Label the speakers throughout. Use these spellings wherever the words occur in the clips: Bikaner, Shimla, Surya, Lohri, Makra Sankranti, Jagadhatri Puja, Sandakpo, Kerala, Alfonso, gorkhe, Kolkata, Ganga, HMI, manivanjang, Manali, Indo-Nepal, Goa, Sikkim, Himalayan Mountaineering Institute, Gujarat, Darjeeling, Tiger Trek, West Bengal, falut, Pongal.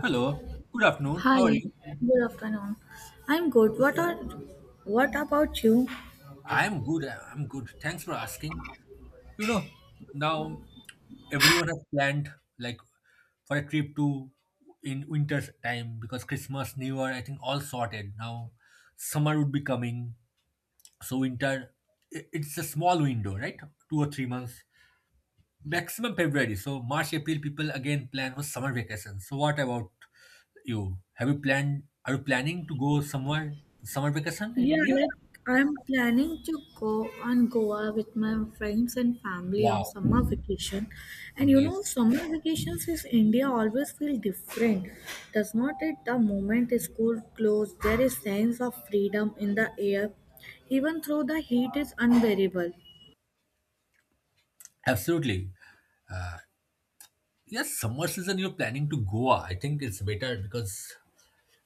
Speaker 1: Hello, good afternoon. How are
Speaker 2: Hi,
Speaker 1: you?
Speaker 2: good afternoon. I'm good. What about you?
Speaker 1: I'm good. Thanks for asking. You know, now everyone has planned, like, for a trip to in winter time because Christmas, New Year, I think all sorted. Now summer would be coming. So winter, it's a small window, right? 2 or 3 months. Maximum February. So March, April, people again plan for summer vacation. So what about you? Have you planned, are you planning to go somewhere, summer vacation in
Speaker 2: Yeah,
Speaker 1: India?
Speaker 2: like I'm planning to go on Goa with my friends and family on
Speaker 1: Wow.
Speaker 2: summer vacation. And you
Speaker 1: Amazing.
Speaker 2: know, summer vacations in India always feel different. Does not it? The moment school closed, there is sense of freedom in the air. Even though the heat is unbearable.
Speaker 1: Absolutely. Yes, summer season you're planning to Goa. I think it's better because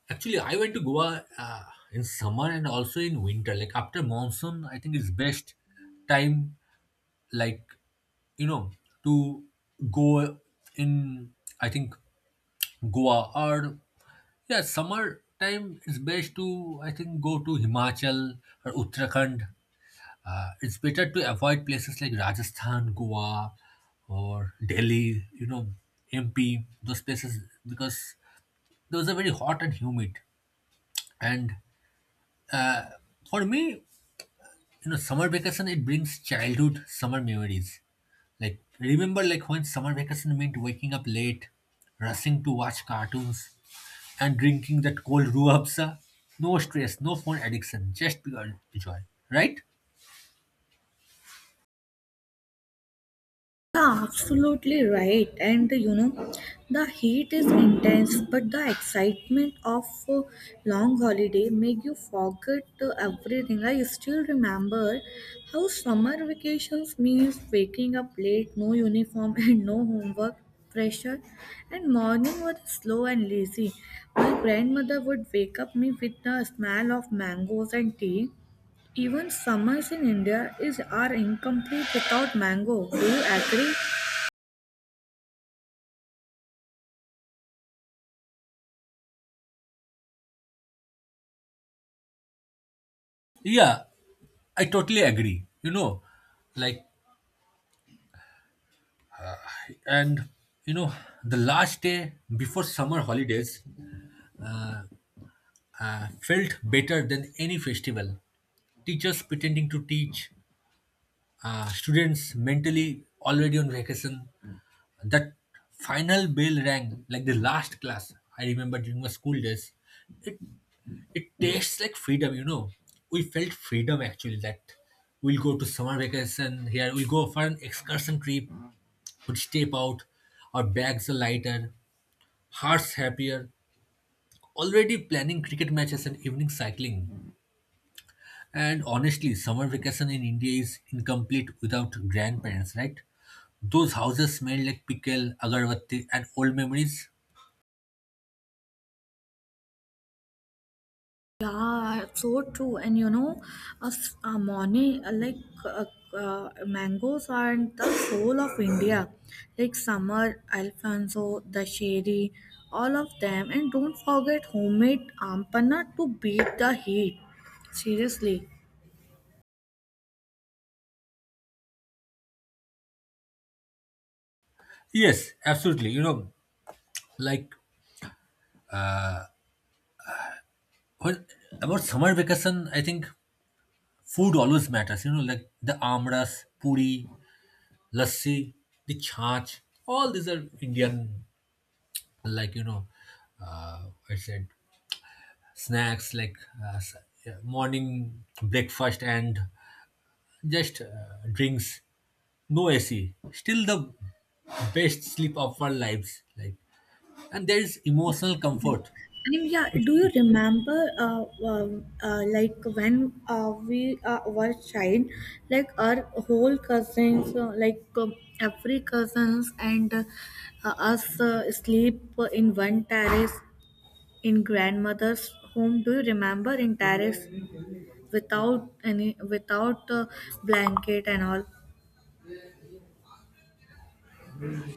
Speaker 1: actually I went to Goa in summer and also in winter. Like after monsoon, I think it's best time, like, you know, to go in, I think, Goa or yeah, summer time is best to, I think, go to Himachal or Uttarakhand. It's better to avoid places like Rajasthan, Goa, or Delhi, you know, MP, those places, because those are very hot and humid. And for me, you know, summer vacation, it brings childhood summer memories. Like, remember, like, when summer vacation meant waking up late, rushing to watch cartoons, and drinking that cold ruabsa. No stress, no phone addiction, just pure joy, right?
Speaker 2: Yeah, absolutely right. And you know, the heat is intense, but the excitement of a long holiday make you forget everything. I still remember how summer vacations means waking up late, no uniform and no homework pressure, and morning was slow and lazy. My grandmother would wake up me with the smell of mangoes and tea. Even summers in India is are incomplete without mango. Do you agree?
Speaker 1: Yeah, I totally agree. You know, like. And you know, the last day before summer holidays felt better than any festival. Teachers pretending to teach, students mentally already on vacation. That final bell rang like the last class I remember during my school days. It tastes like freedom, you know. We felt freedom actually, that we'll go to summer vacation here, we'll go for an excursion trip, we'll step out, our bags are lighter, hearts happier. Already planning cricket matches and evening cycling. And honestly, summer vacation in India is incomplete without grandparents, right? Those houses smell like pickle, agarbatti, and old memories.
Speaker 2: Yeah, so true. And you know, a, s- a morning like uh, mangoes are the soul of India. Like summer, Alfonso, the sherry, all of them. And don't forget homemade ampana to beat the heat. Seriously.
Speaker 1: Yes, absolutely. You know, like, when about summer vacation, I think food always matters. You know, like the amras, puri, lassi, the chaach. All these are Indian, like, you know, I said snacks like uh, s- yeah, morning breakfast and just drinks, no AC. Still the best sleep of our lives. Like, and there is emotional comfort.
Speaker 2: And yeah, do you remember, like when we were child, like our whole cousins, every cousins and us sleep in one terrace in grandmother's home. Do you remember in terrace without any without blanket and all?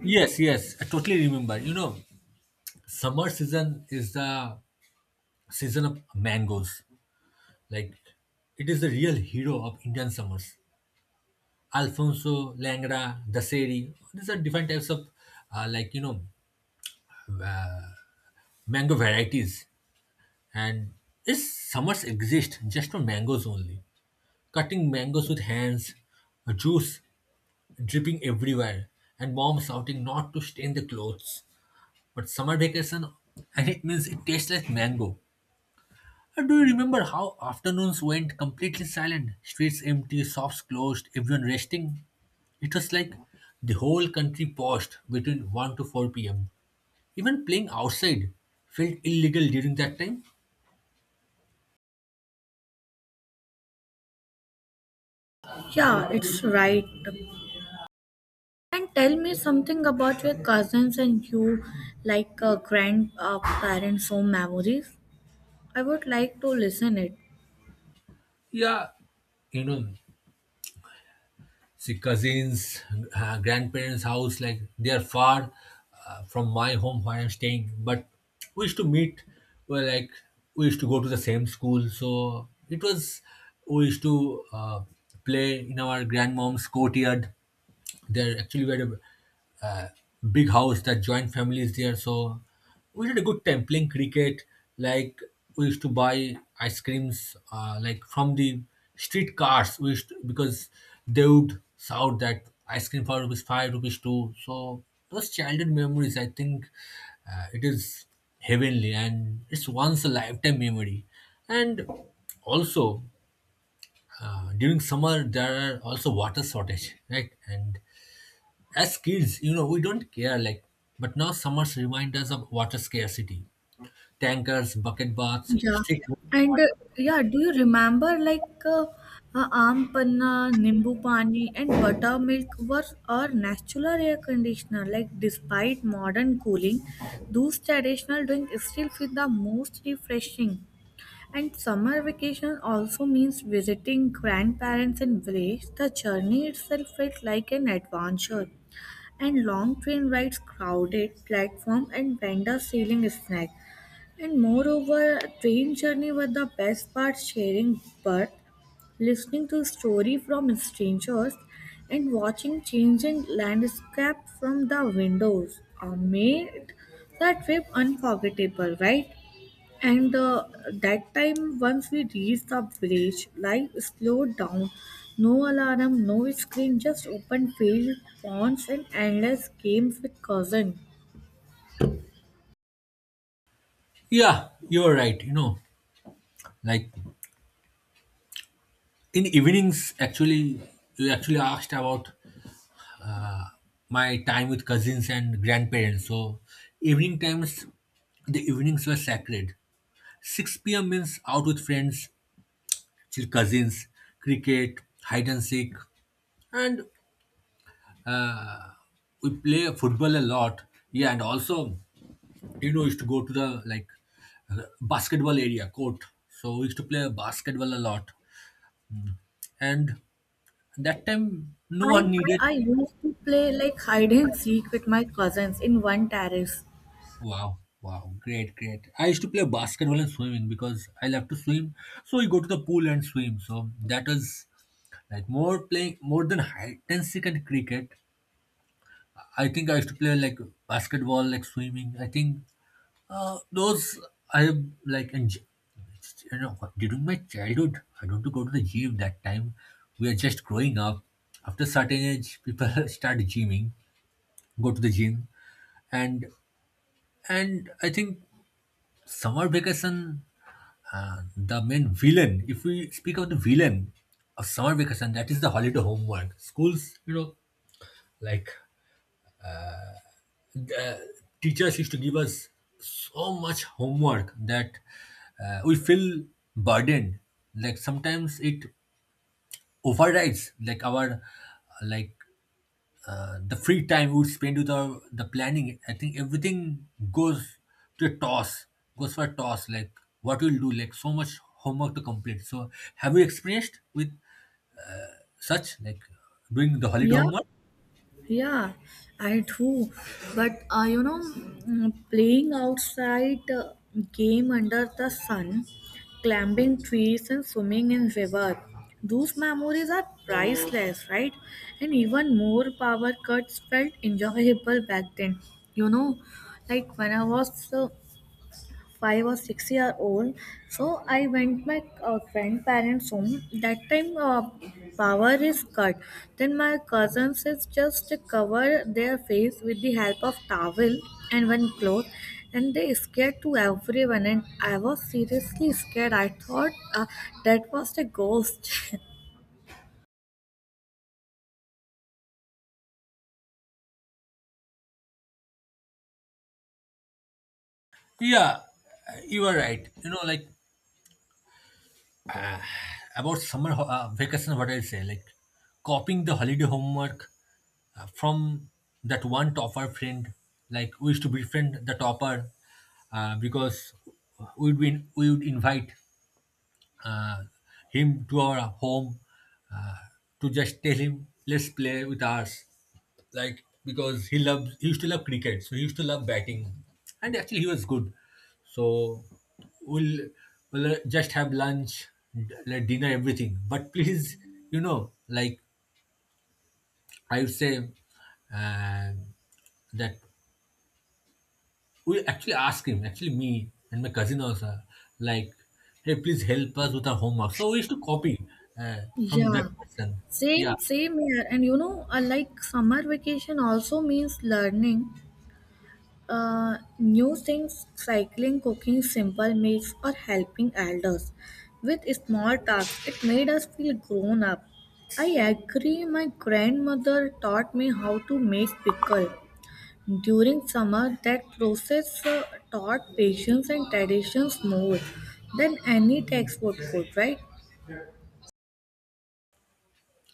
Speaker 1: Yes, yes, I totally remember. You know, summer season is the season of mangoes. Like, it is the real hero of Indian summers. Alfonso, Langra, Daseri. These are different types of, like, you know, uh, mango varieties. And these summers exist just for mangoes only. Cutting mangoes with hands, juice dripping everywhere, and mom shouting not to stain the clothes. But summer vacation, and it means it tastes like mango. And do you remember how afternoons went completely silent? Streets empty, shops closed, everyone resting. It was like the whole country paused between 1 to 4 pm. Even playing outside felt illegal during that time.
Speaker 2: Yeah, it's right. And tell me something about your cousins and you, like grandparents' home memories. I would like to listen it.
Speaker 1: Yeah, you know, see, cousins, grandparents house, like they are far from my home where I'm staying, but we used to meet. Well, like, we used to go to the same school, so it was, we used to play in our grandmom's courtyard. There actually we had a uh, big house, that joint families there, so we had a good time playing cricket. Like, we used to buy ice creams, like, from the street cars. We used to, because they would shout that ice cream for rupees five, rupees two. So those childhood memories, I think, it is heavenly and it's once a lifetime memory. And also during summer there are also water shortage, right? And as kids, you know, we don't care, like, but now summers remind us of water scarcity. Tankers, bucket baths,
Speaker 2: Yeah,
Speaker 1: strict.
Speaker 2: and uh, yeah, do you remember like aam panna, nimbu pani, and buttermilk were our natural air conditioner? Like, despite modern cooling, those traditional drink still feel the most refreshing. And summer vacation also means visiting grandparents in village. The journey itself felt like an adventure. And long train rides, crowded platform, and vendors selling snacks. And moreover, train journey was the best part: sharing birth, listening to story from strangers, and watching changing landscape from the windows. Made the trip unforgettable, right? And That time, once we reached the village, life slowed down. No alarm, no screen, just open field, ponds, and endless games with cousins.
Speaker 1: Yeah, you're right. You know, like, in evenings, actually, you actually asked about my time with cousins and grandparents. So, evening times, the evenings were sacred. 6 p.m. means out with friends, chill cousins, cricket, hide and seek, and we play football a lot. Yeah, and also, you know, used to go to the, like, basketball area court, so we used to play basketball a lot, and that time no
Speaker 2: I
Speaker 1: one needed.
Speaker 2: I used to play like hide and seek with my cousins in one terrace.
Speaker 1: Wow, wow, great, great. I used to play basketball and swimming because I love to swim, so we go to the pool and swim, so that was like more playing more than hide and seek and cricket. I think I used to play like basketball, like swimming. I think those I have like you know, during my childhood I don't go to the gym that time. We are just growing up. After certain age, people start gymming, go to the gym, and and I think summer vacation, the main villain, if we speak of the villain of summer vacation, that is the holiday homework. Schools, like, the teachers used to give us so much homework that we feel burdened, like sometimes it overrides like our, like, the free time we would spend with our, the planning, I think everything goes to a toss, goes for a toss, like, what we'll do, like so much homework to complete. So have you experienced with such, like, doing the holiday
Speaker 2: Yeah,
Speaker 1: homework?
Speaker 2: yeah, I do. But you know, mm, playing outside, game under the sun, climbing trees, and swimming in river. Those memories are priceless, right? And even more power cuts felt enjoyable back then. You know, like when I was 5 or 6 year old, so I went my grandparents home. That time power is cut, then my cousins is just cover their face with the help of towel and one cloth, and they scared to everyone, and I was seriously scared. I thought that was a ghost.
Speaker 1: Yeah, you are right, you know, like, about summer vacation, what I say, like, copying the holiday homework from that one topper friend. Like, we used to befriend the topper because we would invite uh, him to our home uh, to just tell him let's play with us, like, because he loves, he used to love cricket, so he used to love batting, and actually he was good. So we'll, we'll just have lunch, like dinner, everything, but please, you know, like, I would say uh, that we actually asked him, actually me and my cousin also, like, hey, please help us with our homework. So we used to copy uh, from that
Speaker 2: Yeah,
Speaker 1: person. Yeah,
Speaker 2: same here. And you know, like summer vacation also means learning new things, cycling, cooking simple meals, or helping elders with small tasks. It made us feel grown up. I agree, my grandmother taught me how to make pickle. During summer, that process taught patience and traditions more than any textbook could, right?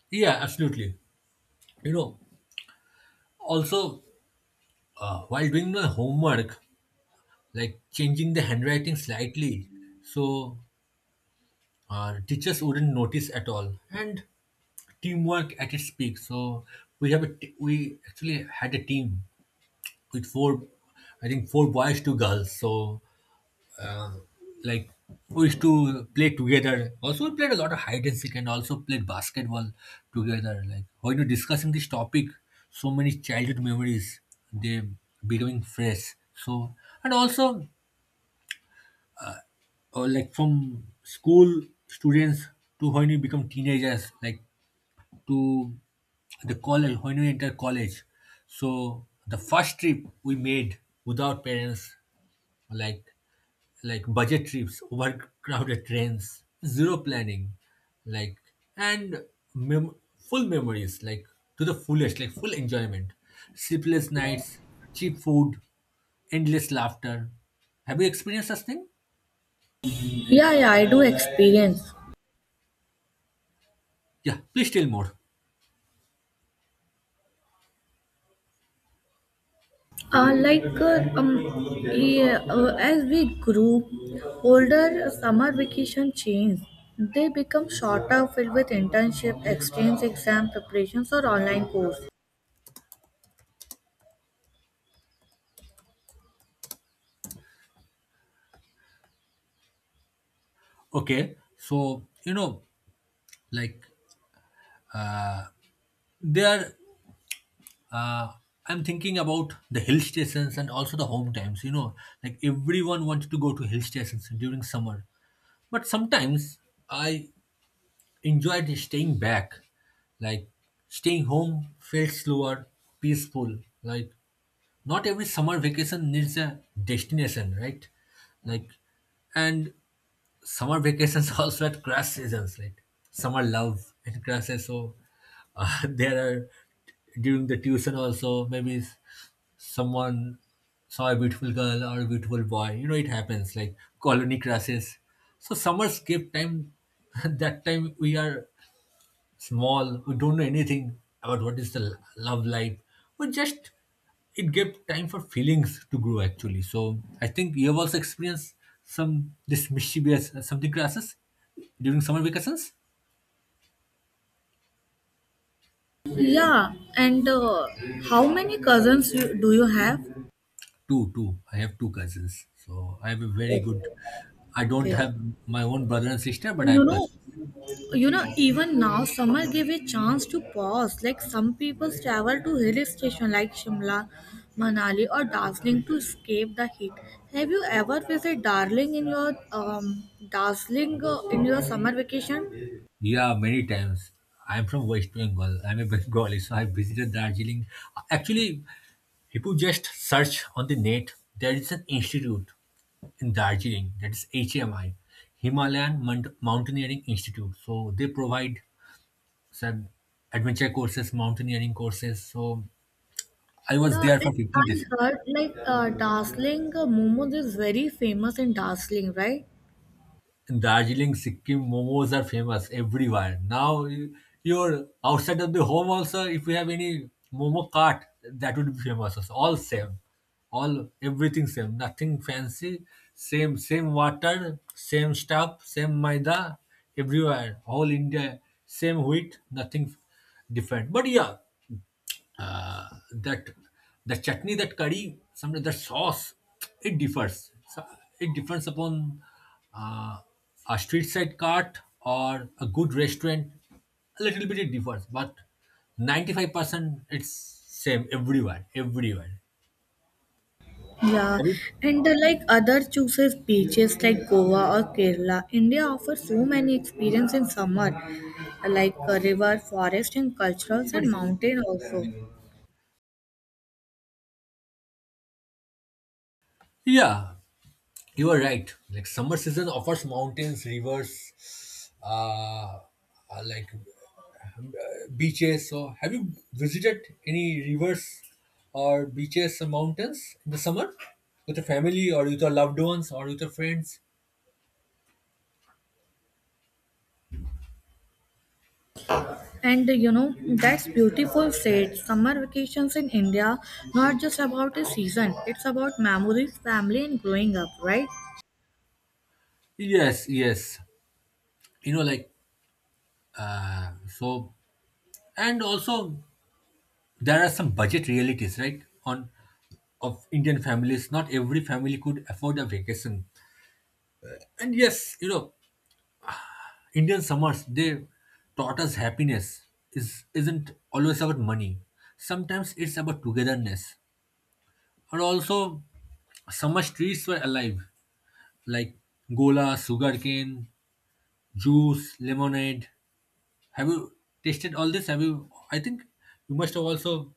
Speaker 1: yeah, absolutely. You know, also while doing my homework, like, changing the handwriting slightly, so teachers wouldn't notice at all. And teamwork at its peak. So we actually had a team with four, I think four boys, two girls. So uh, like, we used to play together. Also, we played a lot of hide and seek and also played basketball together. Like, when you're discussing this topic, so many childhood memories, they becoming fresh. So, and also like, from school students to when you become teenagers, like, to the college, when we enter college, so the first trip we made without parents, like like budget trips, overcrowded trains, zero planning, like, and full memories, like, to the fullest, like full enjoyment, sleepless nights, cheap food, endless laughter. Have you experienced such thing?
Speaker 2: Yeah, yeah, I do experience.
Speaker 1: Yeah, please tell more.
Speaker 2: As we grew older, summer vacation changed. They become shorter, filled with internship, exchange exam preparations, or online course.
Speaker 1: Okay, so you know, like, there, uh, I'm thinking about the hill stations and also the home times. You know, like, everyone wanted to go to hill stations during summer, but sometimes I enjoyed staying back. Like, staying home felt slower, peaceful. Like, not every summer vacation needs a destination, right? Like, and summer vacations also at crash seasons, right? Summer love and crashes. So there are during the tuition also maybe someone saw a beautiful girl or a beautiful boy. You know it happens, like, colony crashes. So summers give time. That time we are small, who don't know anything about what is the love life, but just it gave time for feelings to grow actually. So I think you have also experienced some this mischievous something classes during summer vacations.
Speaker 2: Yeah, and how many cousins do you have?
Speaker 1: Two, two. I have two cousins, so I have a very good. I don't
Speaker 2: Okay,
Speaker 1: have my own brother and sister, but I
Speaker 2: you
Speaker 1: have
Speaker 2: know
Speaker 1: cousins.
Speaker 2: you know, even now summer gave a chance to pause. Like some people travel to hill station like Shimla, Manali, or Darjeeling to escape the heat. Have you ever visited Darjeeling in your darjeeling in your summer vacation?
Speaker 1: Yeah, many times. I'm from West Bengal. I'm a Bengali, so I visited Darjeeling. Actually, if you just search on the net, there is an institute in Darjeeling, that is HMI, Himalayan Mountaineering Institute. So they provide some adventure courses, mountaineering courses. So I was
Speaker 2: Uh,
Speaker 1: there for 15
Speaker 2: I
Speaker 1: days.
Speaker 2: heard like Darjeeling momos is very famous in Darjeeling, right?
Speaker 1: In Darjeeling, Sikkim, momos are famous everywhere. Now you're outside of the home also. If you have any momo cart, that would be famous. Also. All same, all everything same. Nothing fancy. Same water, same stuff, same maida everywhere. All India, same wheat. Nothing different. But yeah, uh, that the chutney, that curry, sometimes that sauce, it differs. So, it depends upon uh, a street side cart or a good restaurant, a little bit it differs, but 95% it's same everywhere.
Speaker 2: Yeah,
Speaker 1: Have you,
Speaker 2: and like other chooses beaches like Goa or Kerala, India offers so many experience in summer, like river, forest, and culturals
Speaker 1: but
Speaker 2: and mountain also.
Speaker 1: yeah, you are right, like, summer season offers mountains, rivers, uh, like, beaches. So, have you visited any rivers or beaches or mountains in the summer with your family or with your loved ones or with your friends?
Speaker 2: And you know, that's beautiful said. Summer vacations in India not just about a season; it's about memories, family, and growing up, right?
Speaker 1: Yes, yes. You know, like, so, and also there are some budget realities, right? On of Indian families, not every family could afford a vacation. And yes, Indian summers they taught us happiness is isn't always about money. Sometimes it's about togetherness. And also, summer streets were alive, like gola, sugarcane, juice, lemonade. Have you tasted all this? Have you? I think you must have also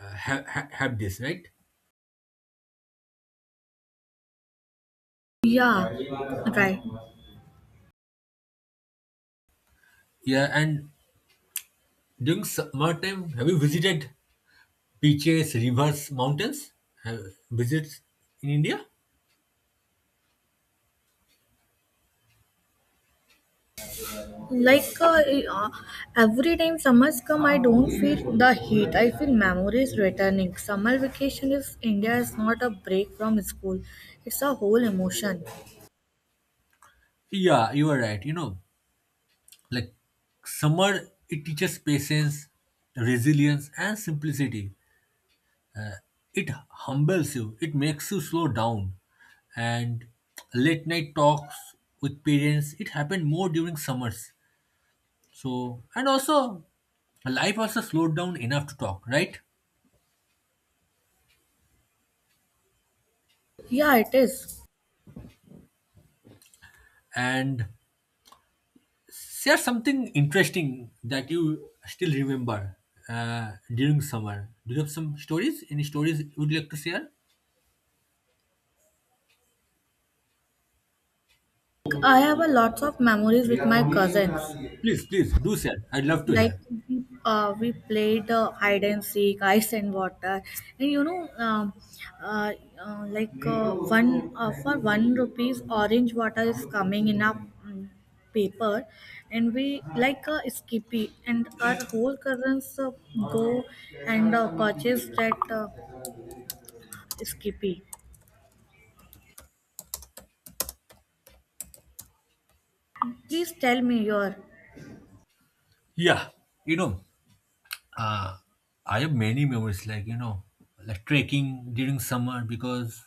Speaker 1: had this, right?
Speaker 2: Yeah, right.
Speaker 1: Yeah. And during summer time, have you visited beaches, rivers, mountains? Have visits in India?
Speaker 2: Like uh, uh, every time summers come, I don't feel the heat. I feel memories returning. Summer vacation is India is not a break from school. It's a whole emotion.
Speaker 1: Yeah, you are right. Like summer, it teaches patience, resilience, and simplicity. It humbles you. It makes you slow down. And late night talks with parents, it happened more during summers. So and also, life also slowed down enough to talk, right?
Speaker 2: Yeah, it is.
Speaker 1: And share something interesting that you still remember. During summer, do you have some stories, any stories you would like to share?
Speaker 2: I have a lots of memories with my cousins.
Speaker 1: Please, please do share. I'd love to
Speaker 2: Like
Speaker 1: hear.
Speaker 2: we played hide and seek, ice and water. And you know, uh, one for one rupees orange water is coming in a mm, paper, and we like skippy, and our whole cousins go and purchase that skippy. Please tell me your.
Speaker 1: Yeah. you know Uh, I have many memories, like like trekking during summer because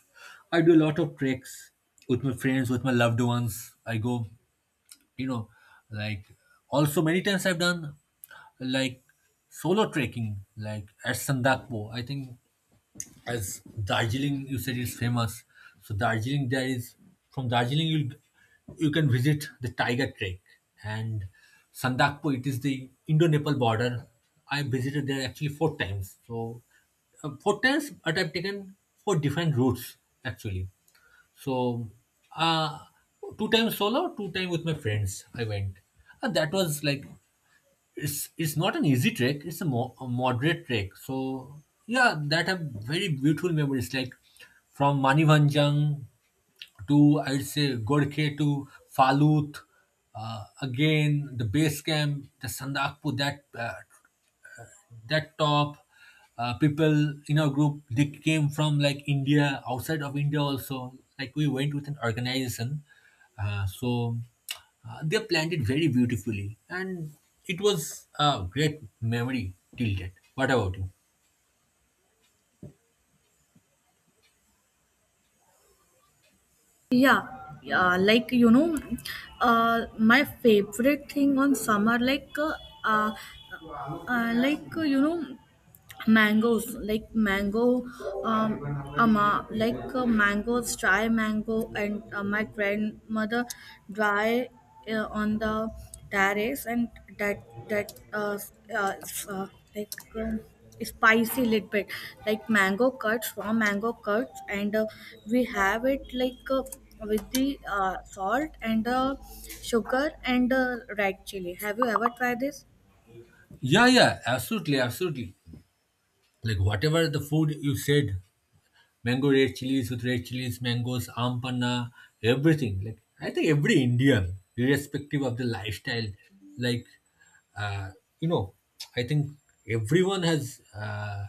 Speaker 1: I do a lot of treks with my friends, with my loved ones. I go, you know, like, also many times I've done, like, solo trekking, like at Sandakpo. I think, as Darjeeling, you said, is famous. So Darjeeling, there is, from Darjeeling you can visit the Tiger Trek and Sandakpo. It is the Indo-Nepal border. I visited there actually four times. So four times, but I've taken four different routes actually. So uh, two times solo, two times with my friends, I went, and that was like, it's not an easy trek. It's a moderate trek. So yeah, that have very beautiful memories, like from manivanjang to, I'd say, gorkhe to falut. Again, the base camp, the sandakpur, that that top. People in our group, they came from like india, outside of india also. Like we went with an organization. uh, so they planned it very beautifully, and it was a great memory till date. What about you?
Speaker 2: Yeah, yeah, like you know, my favorite thing on summer, uh, like mangoes, like mango, um ama like mangoes, dry mango, and my grandmother dry on the terrace. And that that s- s- like spicy little bit, like mango cuts, raw mango cuts, and we have it like with the salt and sugar and red chili. Have you ever tried this?
Speaker 1: Yeah, yeah, absolutely, absolutely. Like, whatever the food you said: mango, red chilies with red chilies, mangoes, aam panna, everything. Like, I think every Indian, irrespective of the lifestyle, like uh, you know, I think everyone has uh,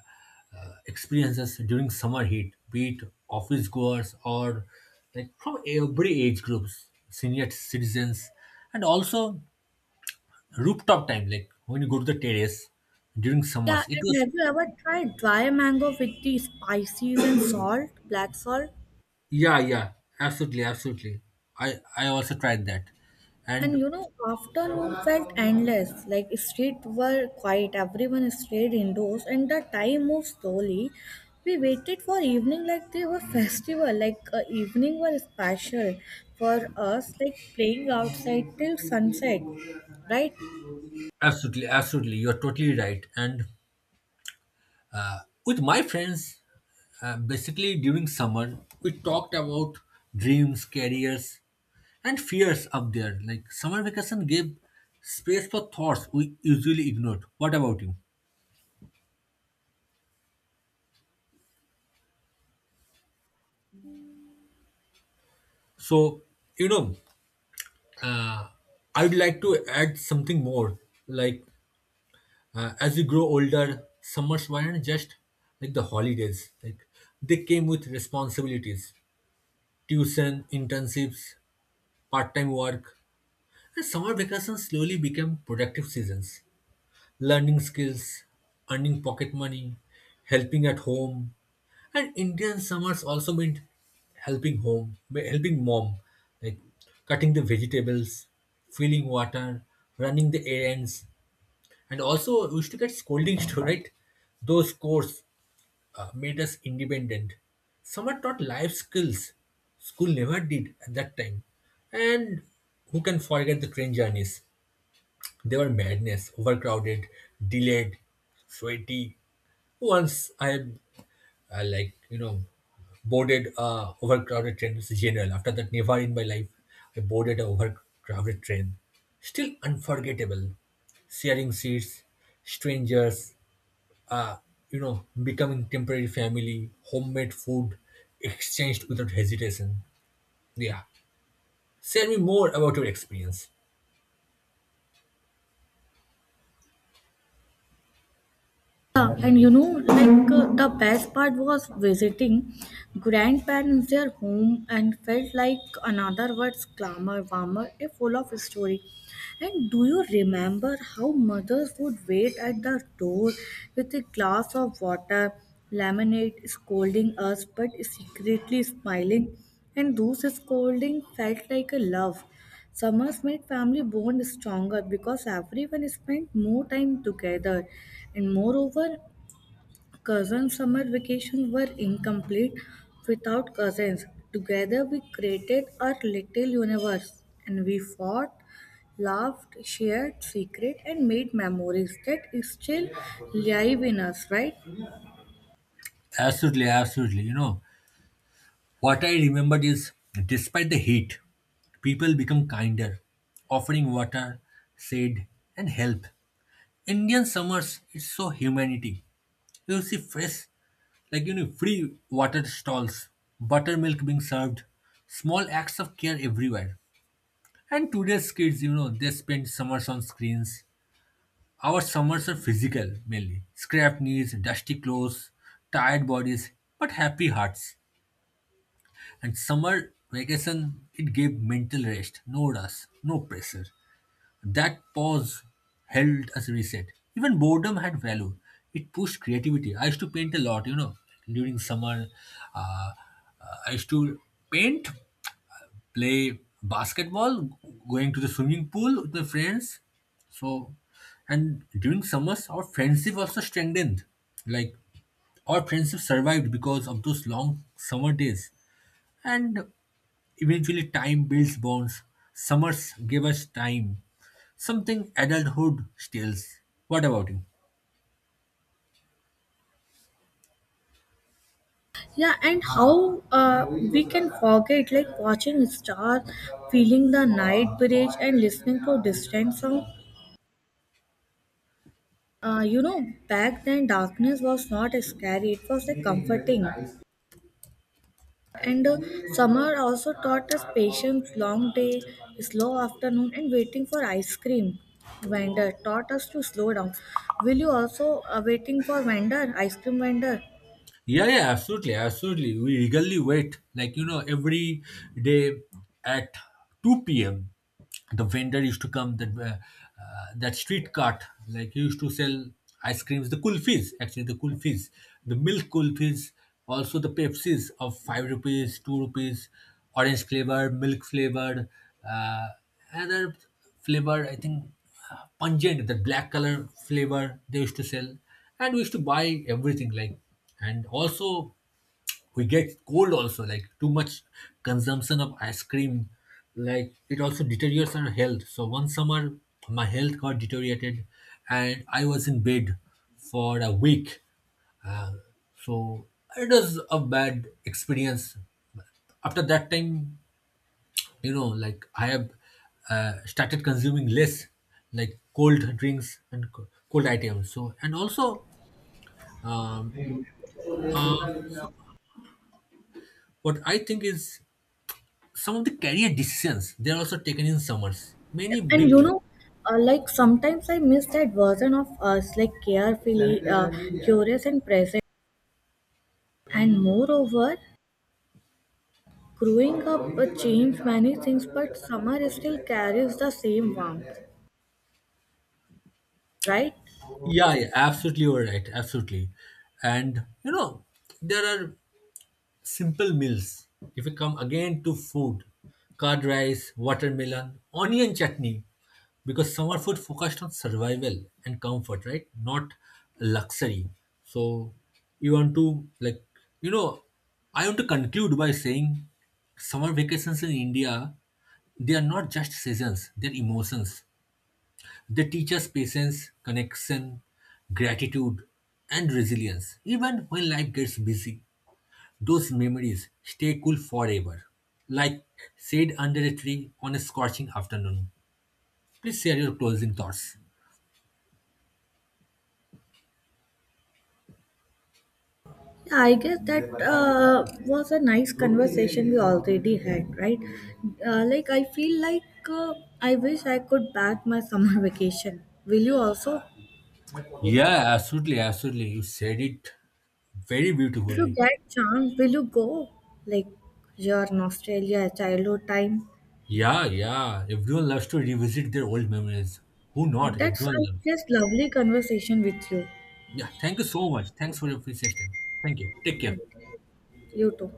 Speaker 1: uh, experiences during summer heat, be it office goers or like from every age groups, senior citizens, and also rooftop time. Like when you go to the terrace during
Speaker 2: Yeah,
Speaker 1: summers, it
Speaker 2: and
Speaker 1: was.
Speaker 2: have you ever tried dry mango with the spices and salt, black salt?
Speaker 1: Yeah, yeah, absolutely, absolutely. I also tried that,
Speaker 2: And
Speaker 1: and
Speaker 2: you know, afternoon felt endless. Like street were quiet, everyone stayed indoors, and the time moved slowly. We waited for evening like they were festival, like evening were special for us, like playing outside till sunset, right?
Speaker 1: absolutely, absolutely, you're totally right. And with my friends, basically during summer, we talked about dreams, careers, and fears up there. Like summer vacation gave space for thoughts we usually ignored. What about you? So, you know, I'd like to add something more, like. As we grow older, summers weren't just like the holidays. Like, they came with responsibilities, tuition, internships, part-time work, and summer vacations slowly became productive seasons. Learning skills, earning pocket money, helping at home. And Indian summers also meant helping home, helping mom, like cutting the vegetables, filling water, running the errands. And also, we used to get scoldings too, right? Those course made us independent. Summer taught life skills school never did at that time. And who can forget the train journeys? They were madness, overcrowded, delayed, sweaty. Once I like, boarded overcrowded train, is general. After that, never in my life I boarded a overcrowded train. Still unforgettable. Sharing seats, strangers, uh, you know, becoming temporary family. Homemade food exchanged without hesitation. Yeah. Tell me more about your experience.
Speaker 2: Yeah, and you know, like the best part was visiting grandparents, their home, and felt like another words glamour, warmer, a full of story. And do you remember how mothers would wait at the door with a glass of water, lemonade, scolding us, but secretly smiling? And those scolding felt like a love. Summers made family bond stronger because everyone spent more time together. And moreover, cousin summer vacations were incomplete without cousins. Together, we created our little universe, and we fought, laughed, shared secret, and made memories that still live in us, right?
Speaker 1: Absolutely, absolutely. What I remembered is, despite the heat, people become kinder, offering water, shade, and help. Indian summers, is so humanity. You see fresh, like, free water stalls, buttermilk being served, small acts of care everywhere. And today's kids, they spend summers on screens. Our summers are physical mainly. Scrapped knees, dusty clothes, tired bodies, but happy hearts. And summer vacation, it gave mental rest, no rush, no pressure. That pause held as a reset. Even boredom had value. It pushed creativity. I used to paint a lot, during summer. Uh, I used to paint, play basketball, going to the swimming pool with my friends. So, and during summers, our friendship also strengthened. Like, our friendship survived because of those long summer days. And eventually, time builds bonds. Summers gave us time. Something adulthood steals. What about you?
Speaker 2: Yeah, and how we can forget like watching stars, feeling the night breeze, and listening to distant sound. You know, back then darkness was not scary, it was like comforting. And summer also taught us patience, long day, slow afternoon, and waiting for ice cream. Vendor taught us to slow down. Will you also waiting for vendor, ice cream vendor?
Speaker 1: Yeah, yeah, absolutely, absolutely. We eagerly wait, like, every day at two p.m. The vendor used to come that that street cart. Like, he used to sell ice creams, the kulfis, actually the kulfis, the milk kulfis, also the Pepsis of ₹5, ₹2, orange flavored, milk flavored, uh, another flavor. I think pungent, that black color flavor they used to sell, and we used to buy everything. Like, and also we get cold also, like too much consumption of ice cream, like it also deteriorates our health. So one summer my health got deteriorated, and I was in bed for a week. So it was a bad experience. After that time, like, I have started consuming less, like cold drinks and cold items. So and also, um, uh, what I think is, some of the career decisions, they're also taken in summers. Many
Speaker 2: And
Speaker 1: big.
Speaker 2: you know, like sometimes I miss that version of us, like carefully, curious, and present. And moreover, growing up changed many things, but summer still carries the same warmth, right?
Speaker 1: Yeah, yeah, absolutely, you're right, absolutely. And there are simple meals. If we come again to food: curd rice, watermelon, onion chutney. Because summer food focused on survival and comfort, right? Not luxury. So, you want to like you know, I want to conclude by saying summer vacations in India, they are not just seasons, they're emotions. They teach us patience, connection, gratitude, and resilience, even when life gets busy. Those memories stay cool forever, like shade under a tree on a scorching afternoon. Please share your closing thoughts.
Speaker 2: Yeah, I guess that was a nice conversation we already had, right? I feel like uh, I wish I could back my summer vacation. Will you also?
Speaker 1: Yeah, absolutely, absolutely. You said it very
Speaker 2: If you
Speaker 1: beautifully.
Speaker 2: get chance, will you go? Like, you're in Australia, childhood time.
Speaker 1: Yeah, yeah. Everyone loves to revisit their old memories. Who not?
Speaker 2: That's,
Speaker 1: Everyone
Speaker 2: I
Speaker 1: loves.
Speaker 2: guess, lovely conversation with you.
Speaker 1: Yeah, thank you so much. Thanks for your precious time. Thank you. Take care.
Speaker 2: You too.